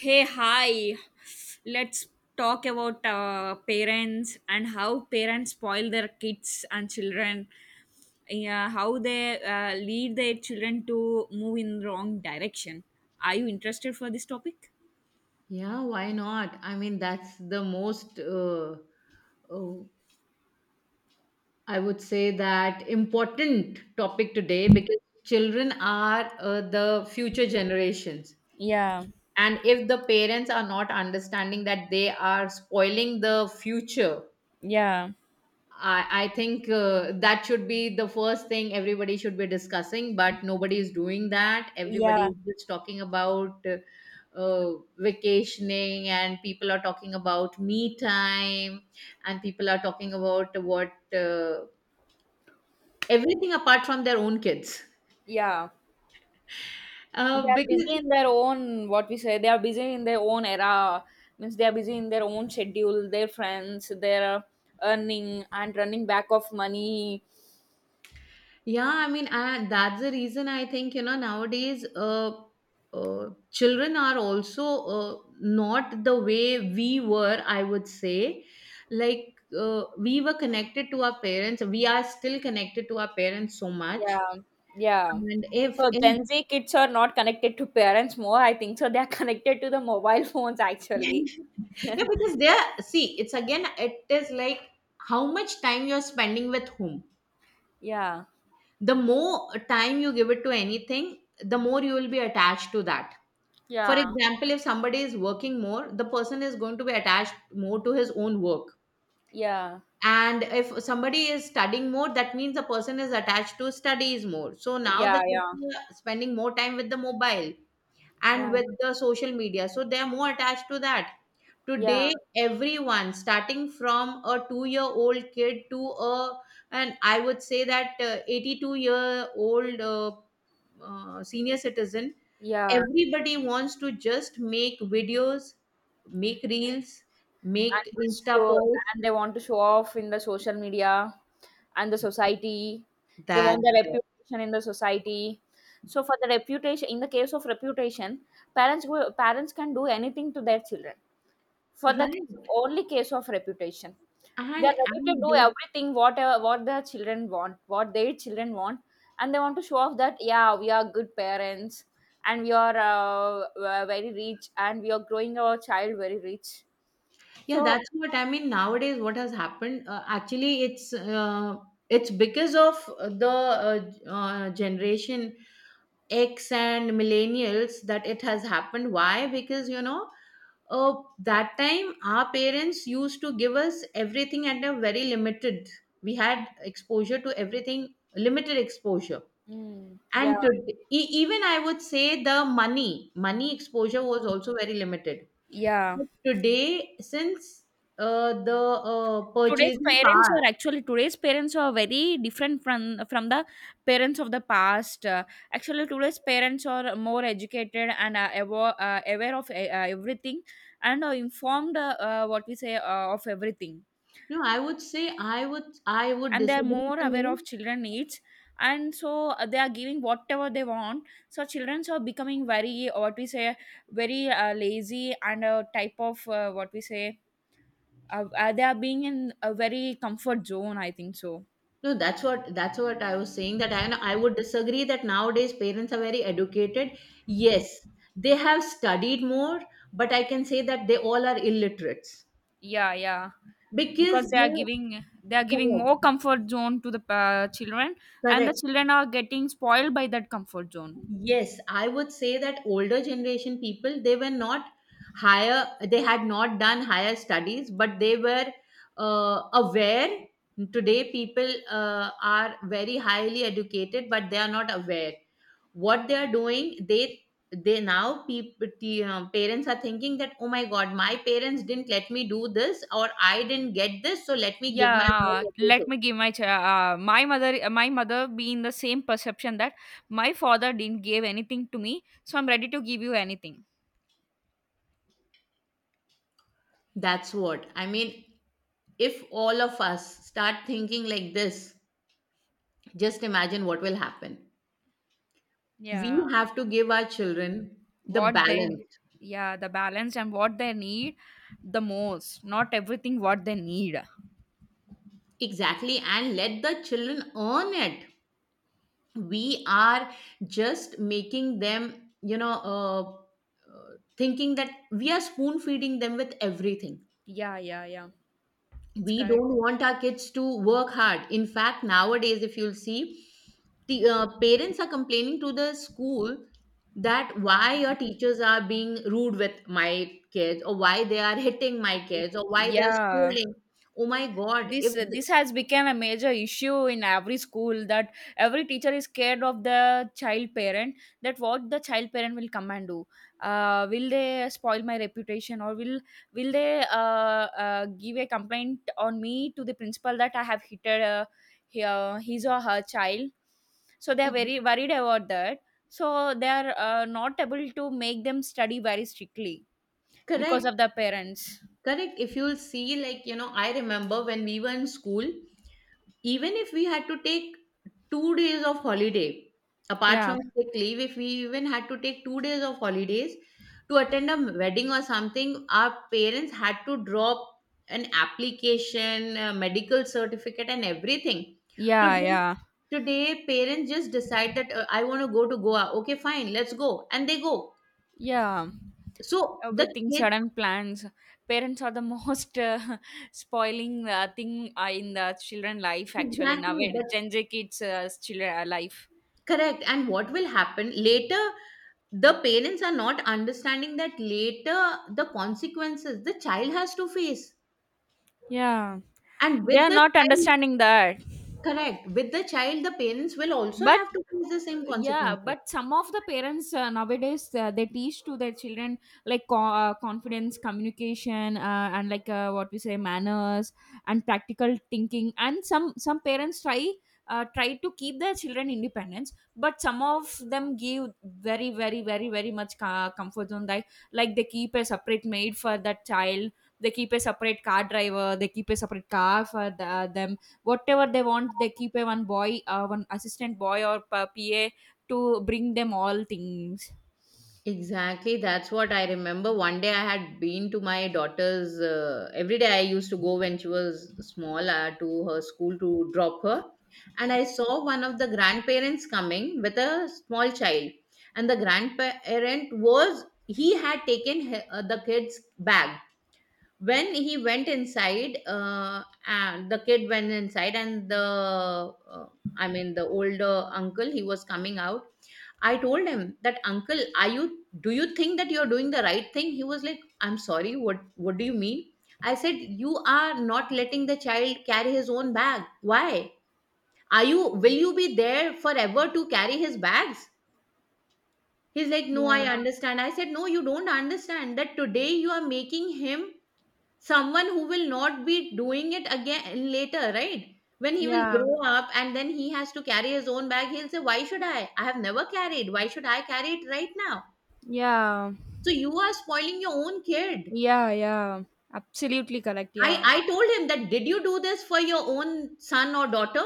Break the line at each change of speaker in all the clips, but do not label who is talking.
Hey, hi. Let's talk about parents and how parents spoil their kids and children. Yeah, how they lead their children to move in wrong direction. Are you interested for this topic?
Yeah, why not? I mean, that's the most, oh, I would say that important topic today because children are the future generations.
Yeah,
And if the parents are not understanding that they are spoiling the future,
yeah,
I think that should be the first thing everybody should be discussing, but nobody is doing that. Everybody
yeah,
is just talking about vacationing, and people are talking about me time, and people are talking about what everything apart from their own kids.
yeah. They
Uh,
are
because
busy in their own, what we say, they are busy in their own era. Means they are busy in their own schedule, their friends, their earning and running back of money.
yeah, I mean, that's the reason I think, nowadays children are also not the way we were, I would say. Like, we were connected to our parents. We are still connected to our parents so much.
Yeah, yeah.
And if
So
in,
Gen Z kids are not connected to parents more, I think. So they are connected to the mobile phones actually.
yeah, because see, it's again, it is like how much time you're spending with whom.
Yeah,
The more time you give it to anything, the more you will be attached to that. For
yeah,
example, if somebody is working more, the person is going to be attached more to his own work.
yeah,
And if somebody is studying more, that means the person is attached to studies more. So now the
yeah, yeah,
kids are spending more time with the mobile and
yeah,
with the social media. So they are more attached to that.
yeah,
Today, everyone, starting from a two-year-old kid to a, and I would say that 82-year-old senior citizen,
yeah.
everybody wants to just make videos, make reels, make
And
Insta
so
posts.
and they want to show off in the social media and the society. They
That's
want the
it.
reputation in the society. So for the reputation, in the case of reputation, parents can do anything to their children. For the
Right.
only case of reputation.
And
They're ready to
and
do
they
everything what their children want, and they want to show off that yeah, we are good parents and we are very rich and we are growing our child very rich.
Yeah,
So
that's what I mean. Nowadays, what has happened? Actually, it's because of the generation X and millennials that it has happened. Why? Because you know, oh, that time our parents used to give us everything at a very limited. We had exposure to everything, limited exposure.
yeah,
And today, even I would say the money exposure was also very limited.
yeah.
But today, since the purchasing power,
Today's parents are very different from the parents of the past. Actually, today's parents are more educated and aware, aware of everything and are informed what we say of everything,
no, I would say I would
and they are
disagree
more
to
aware of
you.
children needs, and so they are giving whatever they want, so children are becoming very, what we say, very lazy and a type of, what we say, they are being in a very comfort zone, I think so.
No, that's what I was saying, that I would disagree that nowadays parents are very educated. Yes, they have studied more, but I can say that they all are illiterates,
Yeah, yeah,
because
because
they...
they are giving
Correct,
more comfort zone to the children, and the
correct.
children are getting spoiled by that comfort zone.
Yes, I would say that older generation people, they were not higher, they had not done higher studies, but they were aware. Today, people are very highly educated, but they are not aware what they are doing. They now, people, the parents are thinking that, oh my god, my parents didn't let me do this, or I didn't get this, so let me give my
Yeah,
child everything.
let me give my ch- my mother be in the same perception that my father didn't give anything to me, so I'm ready to give you anything.
That's what I mean. If all of us start thinking like this, just imagine what will happen. We
Yeah.
have to give our children the
What they
balance.
Yeah, the balance and what they need the most, not everything what they need.
Exactly, and let the children earn it. We are just making them, thinking that we are spoon feeding them with everything.
Yeah, yeah, yeah. It's
We don't
correct.
want our kids to work hard. In fact, nowadays, if you'll see, the parents are complaining to the school that why your teachers are being rude with my kids, or why they are hitting my kids, or why they are
Yeah.
scolding. Oh my god, if
This
th-
this has become a major issue in every school that every teacher is scared of the child parent, that what the child parent will come and do, will they spoil my reputation, or will they give a complaint on me to the principal that I have hit, his or her child, so they are
it,
very worried about that, so they are not able to make them study very strictly because of
correct.
the parents.
Correct. If you'll see, like, you know, I remember when we were in school, even if we had to take 2 days of holiday, apart
Yeah,
from sick leave, if we even had to take 2 days of holidays to attend a wedding or something, our parents had to drop an application, a medical certificate, and everything.
yeah,
Today,
yeah.
today parents just decide that, I want to go to Goa. Okay, fine, let's go, and they go.
Yeah.
So the
Everything
kids...
sudden plans. Parents are the most spoiling thing in the children life actually
Exactly,
nowadays,
but
Gen Z kids, children life.
correct. And what will happen later? The parents are not understanding that later, the consequences the child has to face,
Yeah.
and
They
with
are
the
not
child,
understanding that.
correct, with the child the parents will also
But
have to face the same
yeah,
consequences.
but some of the parents nowadays they teach to their children like, confidence, communication, and like, what we say, manners and practical thinking, and some parents try to keep their children independence, but some of them give very, very, very, very much comfort zone, like they keep a separate maid for that child, they keep a separate car driver, they keep a separate car for them, whatever they want, they keep a one assistant boy or pa- pa to bring them all things.
Exactly, that's what I remember. One day I had been to my daughter's every day I used to go when she was small to her school to drop her, and I saw one of the grandparents coming with a small child. And the grandparent was, he had taken the kid's bag when he went inside, and the kid went inside, and the uh, I mean, the older uncle, he was coming out. I told him that, uncle, are you do you think that you're doing the right thing? He was like, I'm sorry, what do you mean? I said, you are not letting the child carry his own bag. Why? Are you, will you be there forever to carry his bags? He's like, no, I...
Yeah,
Yeah. Understand. I said, no, you don't understand that today you are making him someone who will not be doing it again later, right? When he will
yeah,
grow up and then he has to carry his own bag, he'll say, why should I have never carried, why should I carry it right now?
yeah,
So you are spoiling your own kid.
yeah, yeah. Absolutely correct.
i
Yeah.
i told him that, did you do this for your own son or daughter?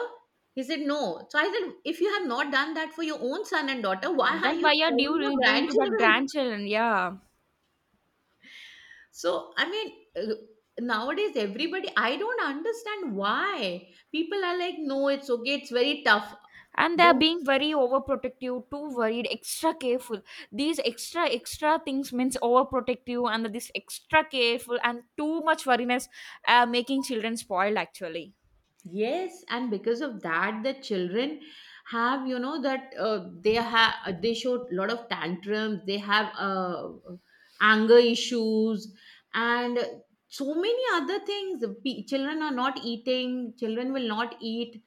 He said no. So I said, if you have not done that for your own son and daughter, why are
Then
you
why are you
spoiling your
doing to that
grandchildren?
grandchildren? Yeah.
So, I mean, nowadays everybody, I don't understand why people are like, no, it's okay, it's very tough.
And they're
Well,
being very overprotective, too worried, extra careful. These extra, extra things means overprotective, and this extra careful and too much worriness, making children spoiled actually.
yes, and because of that, the children have, you know, that they have, they show a lot of tantrums, they have anger issues, and so many other things. Children are not eating, children will not eat,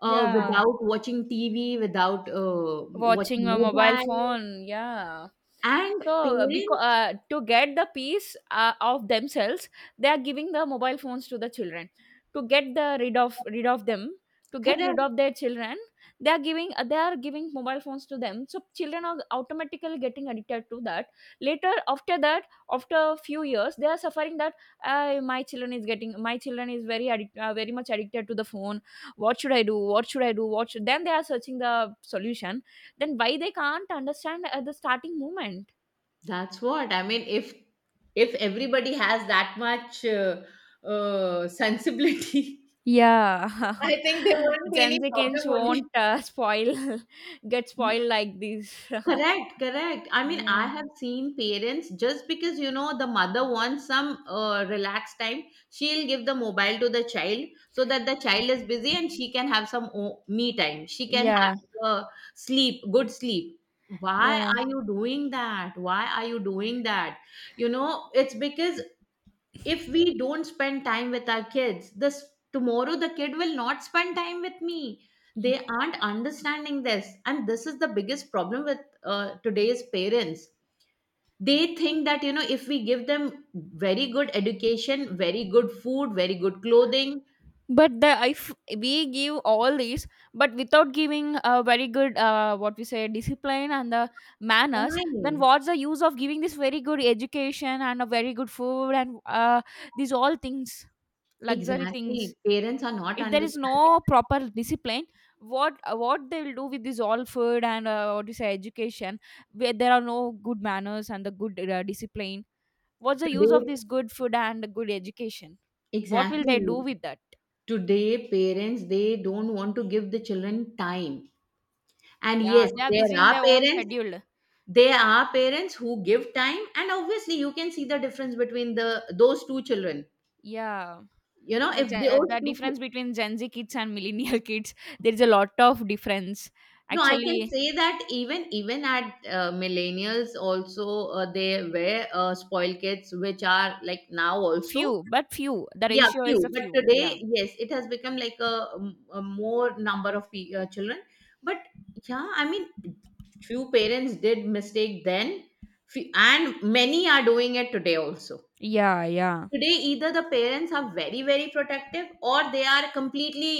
Yeah.
Without watching TV, without watching
Watching a mobile
mobile,
phone, yeah.
and
So because
parents...
to get the peace of themselves, they are giving the mobile phones to the children to get the rid of them to get rid
Correct,
of their children. They are giving mobile phones to them, so children are automatically getting addicted to that later. After that, after a few years, they are suffering that, my children is very, very much addicted to the phone. What should I do? What should I do? What should Then they are searching the solution. Then why they can't understand at the starting moment?
that's what I mean. If everybody has that much sensibility,
Yeah.
I think there won't be any
Gen Z
problem
kids
only.
won't get spoiled like this.
Correct, correct. I mean, I
Yeah.
have seen parents just because, you know, the mother wants some relaxed time, she'll give the mobile to the child so that the child is busy and she can have some me time. She can
Yeah.
have uh, sleep, good sleep. Why
Yeah.
are you doing that? Why are you doing that? You know, it's because if we don't spend time with our kids this, tomorrow the kid will not spend time with me. They aren't understanding this, and this is the biggest problem with today's parents. They think that, you know, if we give them very good education, very good food, very good clothing,
But the if we give all these, but without giving a very good, what we say, discipline and the manners, then
time...
what's the use of giving this very good education and a very good food and these all things, luxury
Exactly,
things?
parents are not
If there is
understanding
no proper discipline, what they will do with this all food and, what you say, education, where there are no good manners and the good discipline? What's the use of
today.
this good food and good education? What will they do
Exactly,
with that?
today parents, they don't want to give the children time. And
Yeah,
yes,
they are
there
busy in
are
their own
parents,
schedule.
they are parents who give time, and obviously, you can see the difference between the those two children.
Yeah,
You know, if those
the
two,
difference between Gen Z kids and millennial kids, there is a lot of difference
no, I can
actually.
say that even at millennials also they were spoiled kids, which are like now also.
Few, but few, the
Yeah,
ratio is
few,
a
but
few. Yeah,
today, yes, it has become like a more number of children. But yeah, I mean, few parents did mistake then, and many are doing it today also.
yeah, yeah.
Today either the parents are very very protective, or they are completely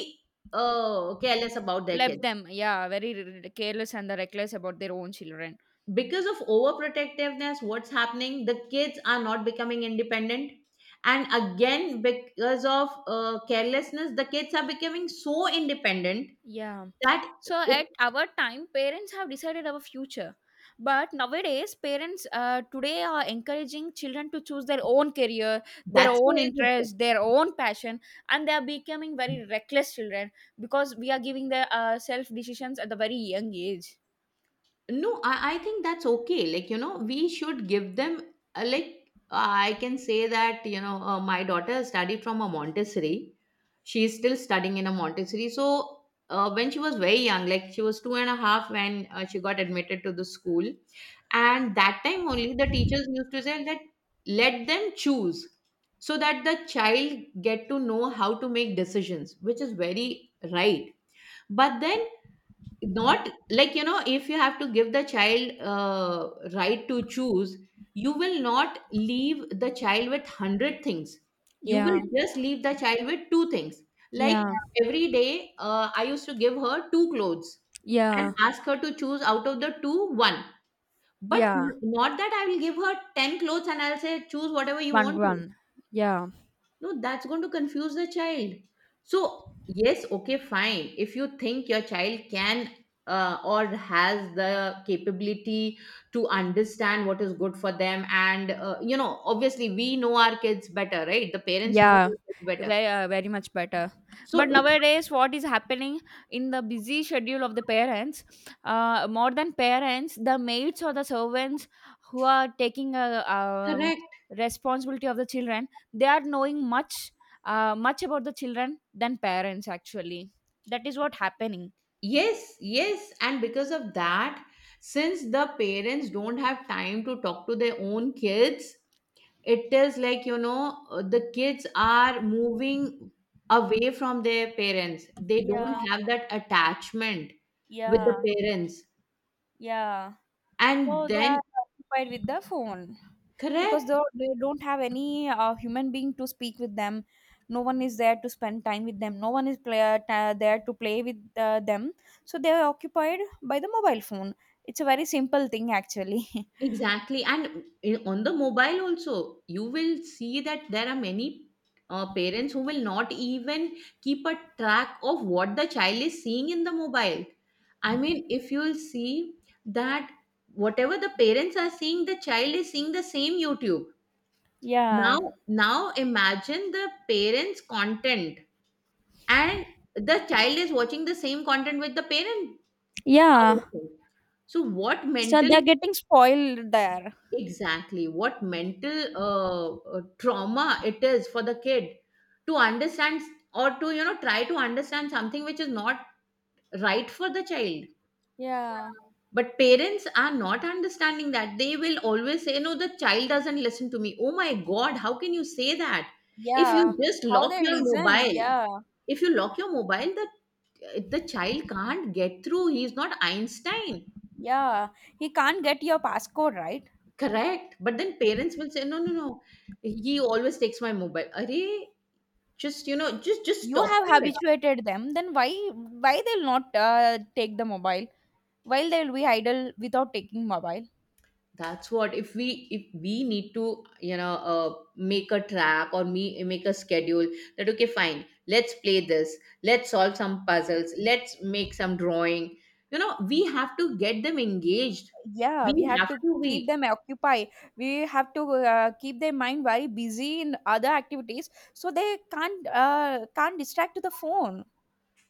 careless about their
Left
kids.
them, yeah, very careless and reckless about their own children.
Because of overprotectiveness, what's happening, the kids are not becoming independent. And again, because of carelessness, the kids are becoming so independent
Yeah,
that
so
it,
at our time, parents have decided our future, but nowadays parents, today, are encouraging children to choose their own career, their
that's
own
why...
interest, their own passion, and they are becoming very reckless children because we are giving their, self decisions at the very young age.
No, I I think that's okay, like, you know, we should give them like, I can say that, you know, my daughter studied from a Montessori, she is still studying in a Montessori. So when she was very young, like she was two and a half, when she got admitted to the school, and that time only the teachers used to say that let them choose so that the child get to know how to make decisions, which is very right. But then, not like, you know, if you have to give the child right to choose, you will not leave the child with 100 things, you will
Yeah,
just leave the child with two things. Like,
yeah,
yeah, every day I used to give her two clothes
yeah,
and ask her to choose out of the two one, but
yeah.
not that I will give her 10 clothes and I'll say choose whatever you
One,
want to.
one. Yeah.
No, that's going to confuse the child. So, yes, okay, fine. If you think your child can or has the capability to understand what is good for them, and you know, obviously, we know our kids better, right? The parents know
Yeah,
their kids better.
very much better.
So,
But
if...
nowadays, what is happening in the busy schedule of the parents, more than parents, the maids or the servants who are taking a,
Correct,
responsibility of the children, they are knowing much about the children than parents actually. That is what happening.
yes, yes, and because of that, since the parents don't have time to talk to their own kids, it is like, you know, the kids are moving away from their parents. They don't
Yeah,
have that attachment with the
yeah,
parents.
yeah.
And
So they are
then,
occupied with the phone. Because they
correct,
they don't have any human being to speak with them, no one is there to spend time with them, no one is play, there to play with them, so they are occupied by the mobile phone. It's a very simple thing actually.
exactly. And on the mobile also, you will see that there are many parents who will not even keep a track of what the child is seeing in the mobile. I mean, if you'll see that whatever the parents are seeing, the child is seeing the same YouTube.
Yeah,
Now imagine the parents' content, and the child is watching the same content with the parent.
yeah,
Are So, what
so
mental—
they're getting spoiled there.
exactly, what mental trauma it is for the kid to understand, or to, you know, try to understand something which is not right for the child.
Yeah,
But parents are not understanding that. They will always say, "No, the child doesn't listen to me." Oh my God, how can you say that? If
yeah.
you just
How
lock
they
your
listen?
mobile,
Yeah,
if you lock your mobile, the child can't get through, he's not Einstein.
yeah, he can't get your passcode, right?
Correct, but then parents will say, no, no, no, he always takes my mobile. Arey? Just, you know, just
You
stop
have
it.
habituated them, then why they'll not take the mobile while they will be idle without taking mobile?
That's what. If we, if we need to, you know, make a track or me make a schedule that okay fine, let's play this, let's solve some puzzles, let's make some drawing. You know, we have to get them engaged.
Yeah,
We
we have
have
to
to
keep
be—
them occupied. We have to keep their mind very busy in other activities, so they can't distract to the phone.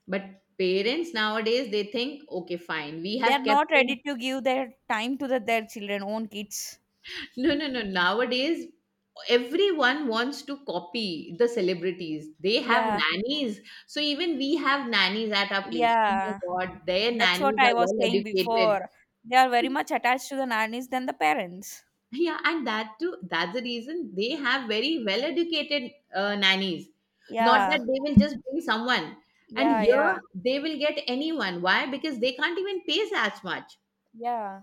But parents nowadays they think, okay, fine, we
They are
have kept
not
them.
ready to give their time to their children own kids.
No, no, no. Nowadays everyone wants to copy the celebrities. They have
Yeah,
nannies. So even we have nannies at our place. Oh my
yeah,
god, their
that's what
nannies
I
are
was
well
saying
educated.
before, they are very much attached to the nannies than the parents.
Yeah, and that too, that's the reason they have very well educated nannies. Not that
Yeah,
they will just bring someone. And
yeah,
here
yeah,
they will get anyone. Why? Because they can't even pay as much.
yeah,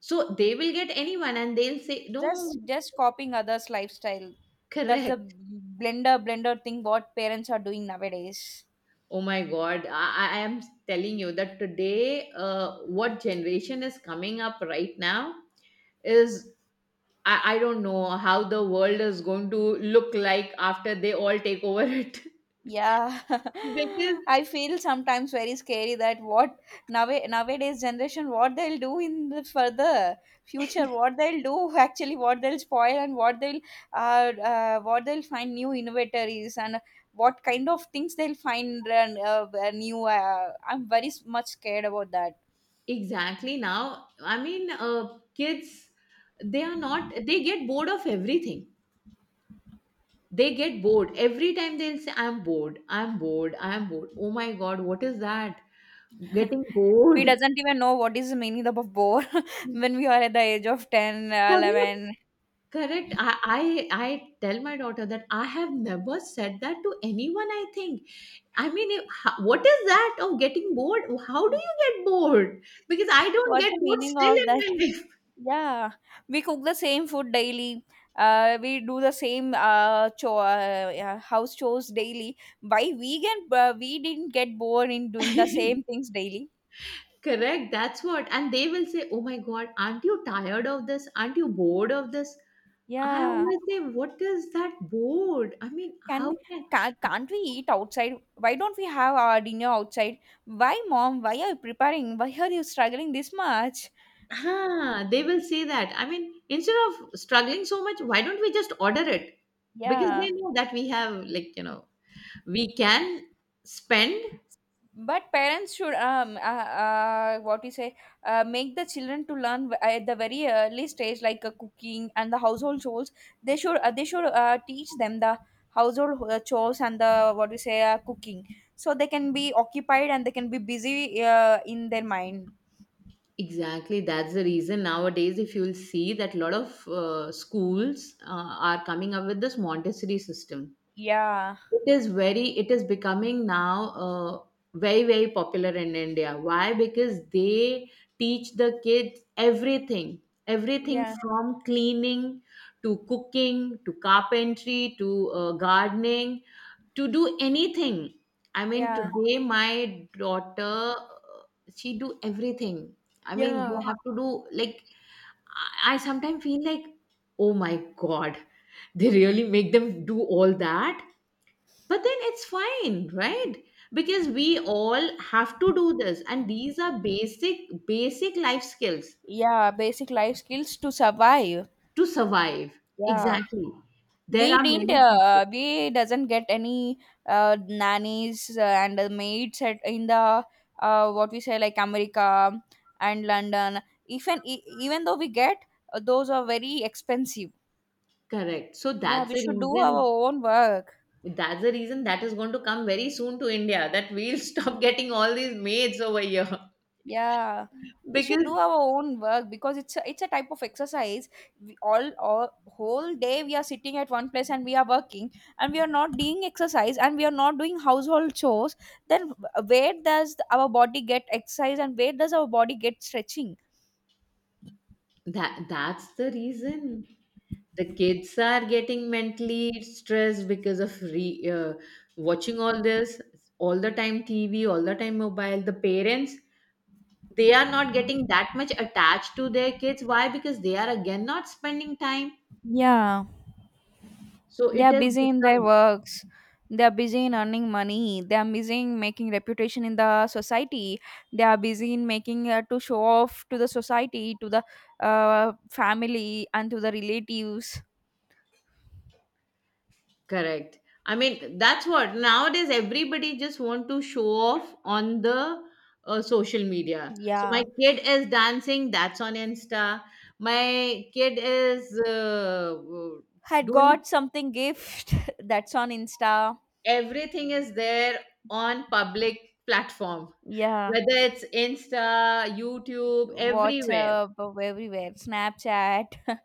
So they will get anyone and they'll say,
just
no,
just copying others lifestyle. That's the
correct.
blender, blender thing what parents are doing nowadays.
Oh my God, I am telling you that today, what generation is coming up right now is, I don't know how the world is going to look like after they all take over it.
Yeah.
Because
I feel sometimes very scary that what nowadays generation what they'll do in the further future, what they'll do, actually, what they'll spoil, and what they'll, what they'll find new innovators, and what kind of things they'll find, and new I'm very much scared about that.
exactly— now, I mean, kids, they are not, they get bored of everything. They get bored. Every time they'll say, I'm bored, I'm bored, I'm bored. Oh my God, what is that? Getting
We
bored.
doesn't even know what is the meaning of bore when we are at the age of 10
Correct,
11.
correct. I, I tell my daughter that I have never said that to anyone, I think. I mean, if, what is that of getting bored? How do you get bored? Because I don't
What's
get
the
bored
meaning
still
of
in
that?
my life.
Yeah, we cook the same food daily. We do the same, yeah, house chores daily. Why we can, we didn't get bored in doing the same things daily?
Correct. That's what. And they will say, "Oh my God, aren't you tired of this? Aren't you bored of this?" I
Yeah.
always say, "What is that bored? I mean,
can
how
we
can—"
can't we eat outside? Why don't we have our dinner outside? Why, mom? Why are you preparing? Why are you struggling this much?
Ah, they will say that. I mean, instead of struggling so much, why don't we just order it? Because
Yeah,
they know that we have, like, you know, we can spend.
but parents should, what you say, make the children to learn, at the very early stage, like, cooking and the household chores. They should teach them the household chores and the what you say, cooking, so they can be occupied and they can be busy in their mind.
Exactly, that's the reason nowadays, if you'll see that a lot of schools are coming up with this Montessori system.
Yeah,
It is very— it is becoming now very very popular in India. Why? Because they teach the kids everything, everything
yeah,
from cleaning to cooking to carpentry to gardening, to do anything. I mean,
yeah,
today my daughter, uh, she do everything. I mean,
yeah,
they have to do, like, I sometimes feel like, oh my god, they really make them do all that. But then it's fine, right? Because we all have to do this, and these are basic, basic life skills
yeah. Basic life skills to survive.
to survive.
Yeah.
Exactly. There
we
are many
didn't
people.
we doesn't get any nannies and the maids in the, what we say, like America and London. Even even though we get those are very expensive.
Correct. So
Yeah,
that's
we
the
should do our
reason.
own work.
That's the reason that is going to come very soon to India. That we'll stop getting all these maids over here
Yeah, we should
because—
do our own work because it's a type of exercise. All whole day we are sitting at one place and we are working, and we are not doing exercise, and we are not doing household chores. Then where does our body get exercise and where does our body get stretching?
That's the reason. The kids are getting mentally stressed because of watching all this all the time, TV all the time, mobile. The parents, they are not getting that much attached to their kids. Why? Because they are again not spending time.
Yeah.
So
They
it
are
has
busy in their
become—
works. They are busy in earning money. They are busy in making reputation in the society. They are busy in making to show off to the society, to the family and to the relatives.
correct. I mean, that's what nowadays everybody just want to show off on the social media. So my
Yeah.
kid is dancing, that's on Insta. My kid is
Had
doing—
got something gift that's on Insta.
everything is there on public platform,
Yeah,
whether it's Insta, YouTube, everywhere.
whatsapp, everywhere, snapchat.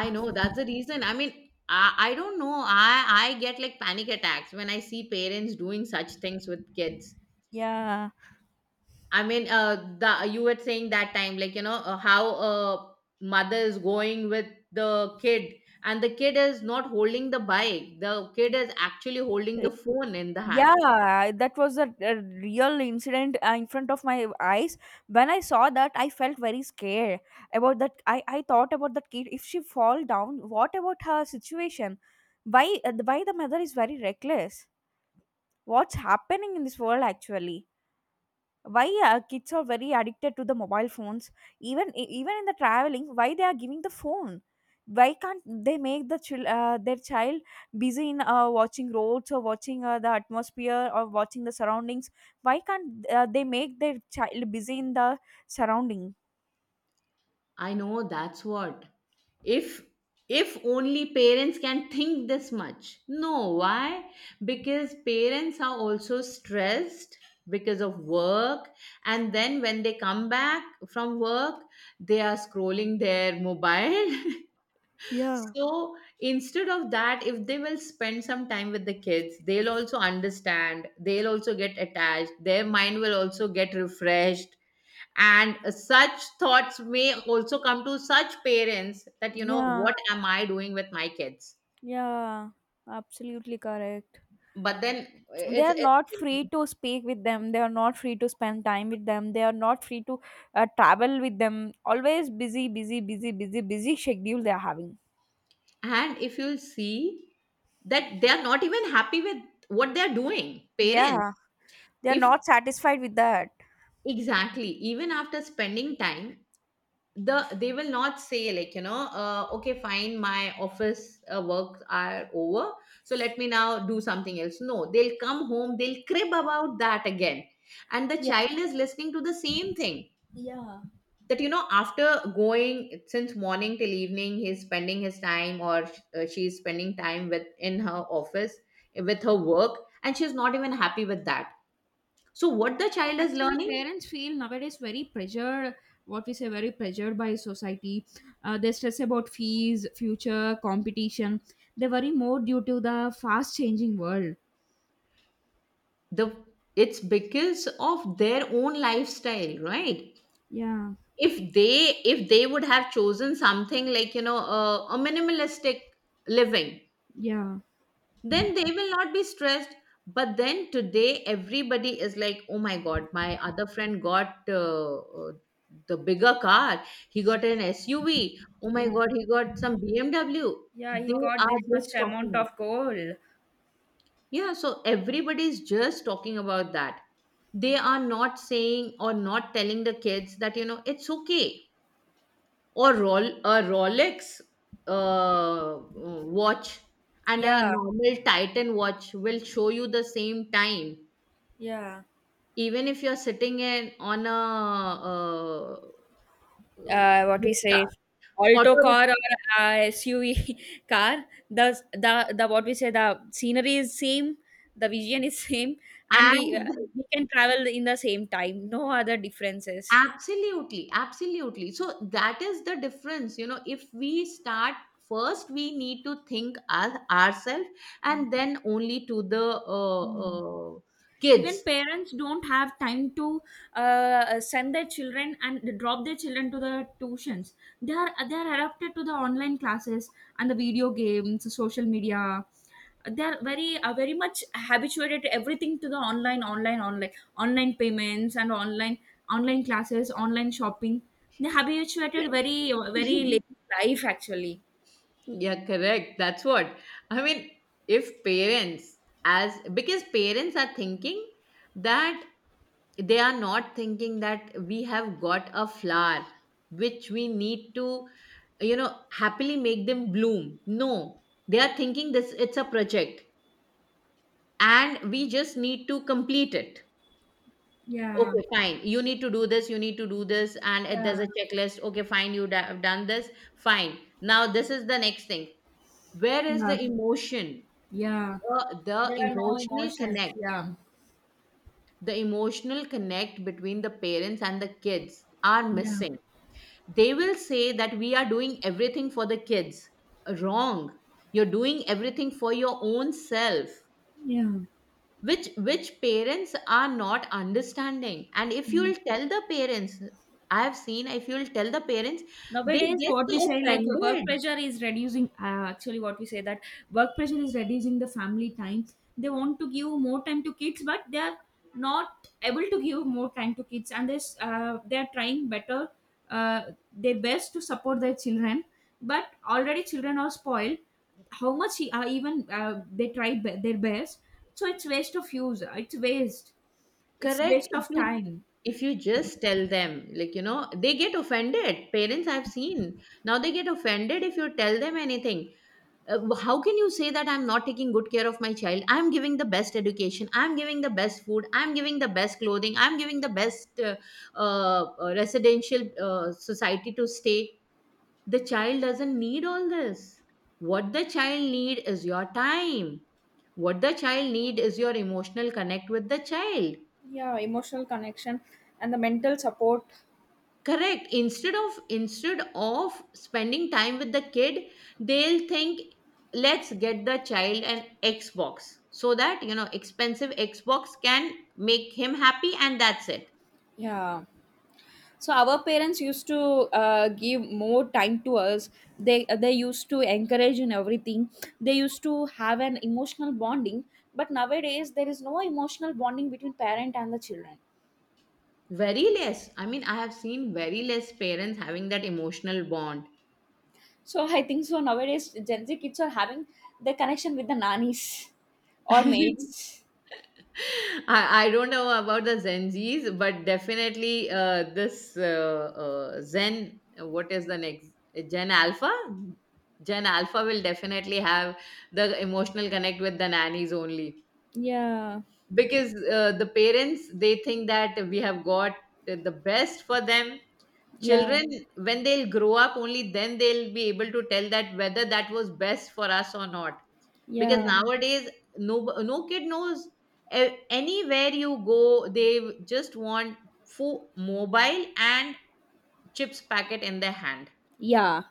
I know, that's the reason. I mean, I don't know, I get like panic attacks when I see parents doing such things with kids.
Yeah.
I mean, the— you were saying that time, like, you know, how a mother is going with the kid and the kid is not holding the bike, the kid is actually holding the phone in the hand.
Yeah, that was a real incident in front of my eyes. When I saw that, I felt very scared about that. I thought about that kid. If she fall down, what about her situation? Why the mother is very reckless? What's happening in this world actually? Why kids are very addicted to the mobile phones, even even in the traveling why they are giving the phone, why can't they make the their child busy in watching roads or watching the atmosphere or watching the surroundings, why can't they make their child busy in the surrounding?
I know, that's what. if if only parents can think this much. No, why? Because parents are also stressed because of work, and then when they come back from work, they are scrolling their mobile.
Yeah.
So instead of that, if they will spend some time with the kids, they'll also understand, they'll also get attached, their mind will also get refreshed, and such thoughts may also come to such parents that, you know,
Yeah,
what am I doing with my kids.
yeah, absolutely correct.
But then
They
it's,
are
it's
not free to speak with them, they are not free to spend time with them, they are not free to travel with them, always busy busy busy busy busy schedule they are having.
and if you see that they are not even happy with what they are doing, parents.
Yeah, they are
If—
not satisfied with that.
exactly, even after spending time, they will not say like, you know, okay fine, my office works are over, so let me now do something else. No, they'll come home, they'll crib about that again, and the
Yeah,
child is listening to the same thing. That, you know, after going, since morning till evening he's spending his time, or she's spending time with— in her office with her work, and she's not even happy with that. So what the child is
actually
learning?
parents feel nowadays very pressured, what we say very pressured by society. They stress about fees, future, competition. They worry more due to the fast changing world.
The It's because of their own lifestyle, right?
Yeah.
If they, if they would have chosen something like, you know, a minimalistic living,
Yeah.
then they will not be stressed. But then today everybody is like, oh my god, my other friend got the bigger car, he got an SUV, oh my
Yeah.
god, he got some BMW.
Yeah, he
They
got
are
this much
just talking
amount
about—
of gold.
yeah, so everybody is just talking about that. They are not saying or not telling the kids that, you know, it's okay. Or Rolex uh, watch and a
Yeah.
normal Titan watch will show you the same time,
Yeah.
even if you're sitting in— on a uh, uh,
What we
rickshaw,
say, alto
auto rickshaw.
car or suv car, the what we say, the scenery is same, the vision is same, and
And
we can travel in the same time, no other differences.
absolutely, absolutely. So that is the difference. You know, if we start first, we need to think as ourselves, and then only to the
Hmm. Even
kids.
parents don't have time to send their children and drop their children to the tuitions. They are adapted to the online classes and the video games, social media. They are very much habituated to everything, to the online online online, online payments and online, online classes, online shopping. They habituated very very late life actually.
Yeah, correct. That's what. I mean, if parents, as because parents are thinking that— they are not thinking that we have got a flower which we need to, you know, happily make them bloom. No, they are thinking this— it's a project and we just need to complete it.
Yeah.
Okay, fine. You need to do this, you need to do this, and if there's
Yeah.
a checklist. Okay, fine, you have done this, fine. Now, this is the next thing. Where is
Yeah.
the emotion?
Yeah,
The
there are no
emotional
emotions.
connect,
Yeah.
the emotional connect between the parents and the kids are
Yeah.
missing. They will say that we are doing everything for the kids. Wrong. You're doing everything for your own self,
Yeah.
which— which parents are not understanding. And if
Mm.
you'll tell the parents, I have seen, if you'll tell the parents, they
Nowadays,
get
what we
so
say like work
offended.
pressure is reducing. Actually, what we say that work pressure is reducing the family time. They want to give more time to kids, but they are not able to give more time to kids, and this they are trying better, uh, their best to support their children. But already, children are spoiled. How much even they try their best, so it's waste of use. It's waste. It's
Correct.
waste of time.
If you just tell them, like, you know, they get offended. Parents, I've seen now they get offended if you tell them anything. How can you say that I'm not taking good care of my child? I'm giving the best education. I'm giving the best food. I'm giving the best clothing. I'm giving the best residential society to stay. The child doesn't need all this. What the child need is your time. What the child need is your emotional connect with the child.
Yeah, emotional connection and the mental support.
Correct. Instead of, instead of spending time with the kid, they'll think let's get the child an Xbox, so that, you know, expensive Xbox can make him happy, and that's it.
Yeah, so our parents used to give more time to us. They they used to encourage in everything. They used to have an emotional bonding, but nowadays there is no emotional bonding between parent and the children.
Very less. I mean, I have seen very less parents having that emotional bond.
So I think so nowadays Gen Z kids are having the connection with the nannies or maids.
I don't know about the Gen Zs, but definitely this Zen, what is the next? Gen Alpha? Gen Alpha will definitely have the emotional connect with the nannies only.
Yeah.
Because the parents, they think that we have got the best for them.
Yeah.
Children, when they'll grow up, only then they'll be able to tell that whether that was best for us or not. Because
Yeah.
nowadays, no, no kid knows. Anywhere you go, they just want full mobile and chips packet in their hand,
Yeah,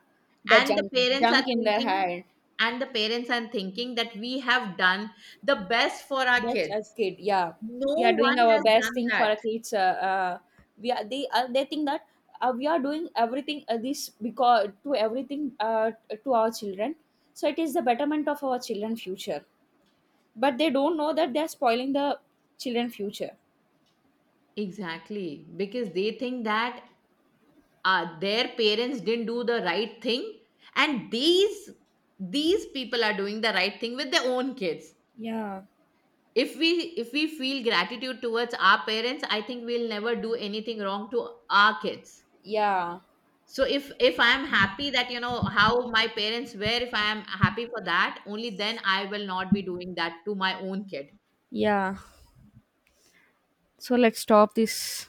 the
and the
junk,
parents are
junk in their
thinking—
hand.
and the parents are thinking that we have done the best for our
Best as
kids.
kid, yeah.
No
We are doing
one
our
has
best
done
thing for
that.
a kids. Uh, we are they think that we are doing everything this because to everything to our children. So it is the betterment of our children future. But they don't know that they are spoiling the children future.
Exactly, because they think that their parents didn't do the right thing, and these— these people are doing the right thing with their own kids.
Yeah.
If we, if we feel gratitude towards our parents, I think we'll never do anything wrong to our kids.
Yeah.
So if I am happy that, you know, how my parents were, if I am happy for that, only then I will not be doing that to my own kid.
Yeah. So let's stop this.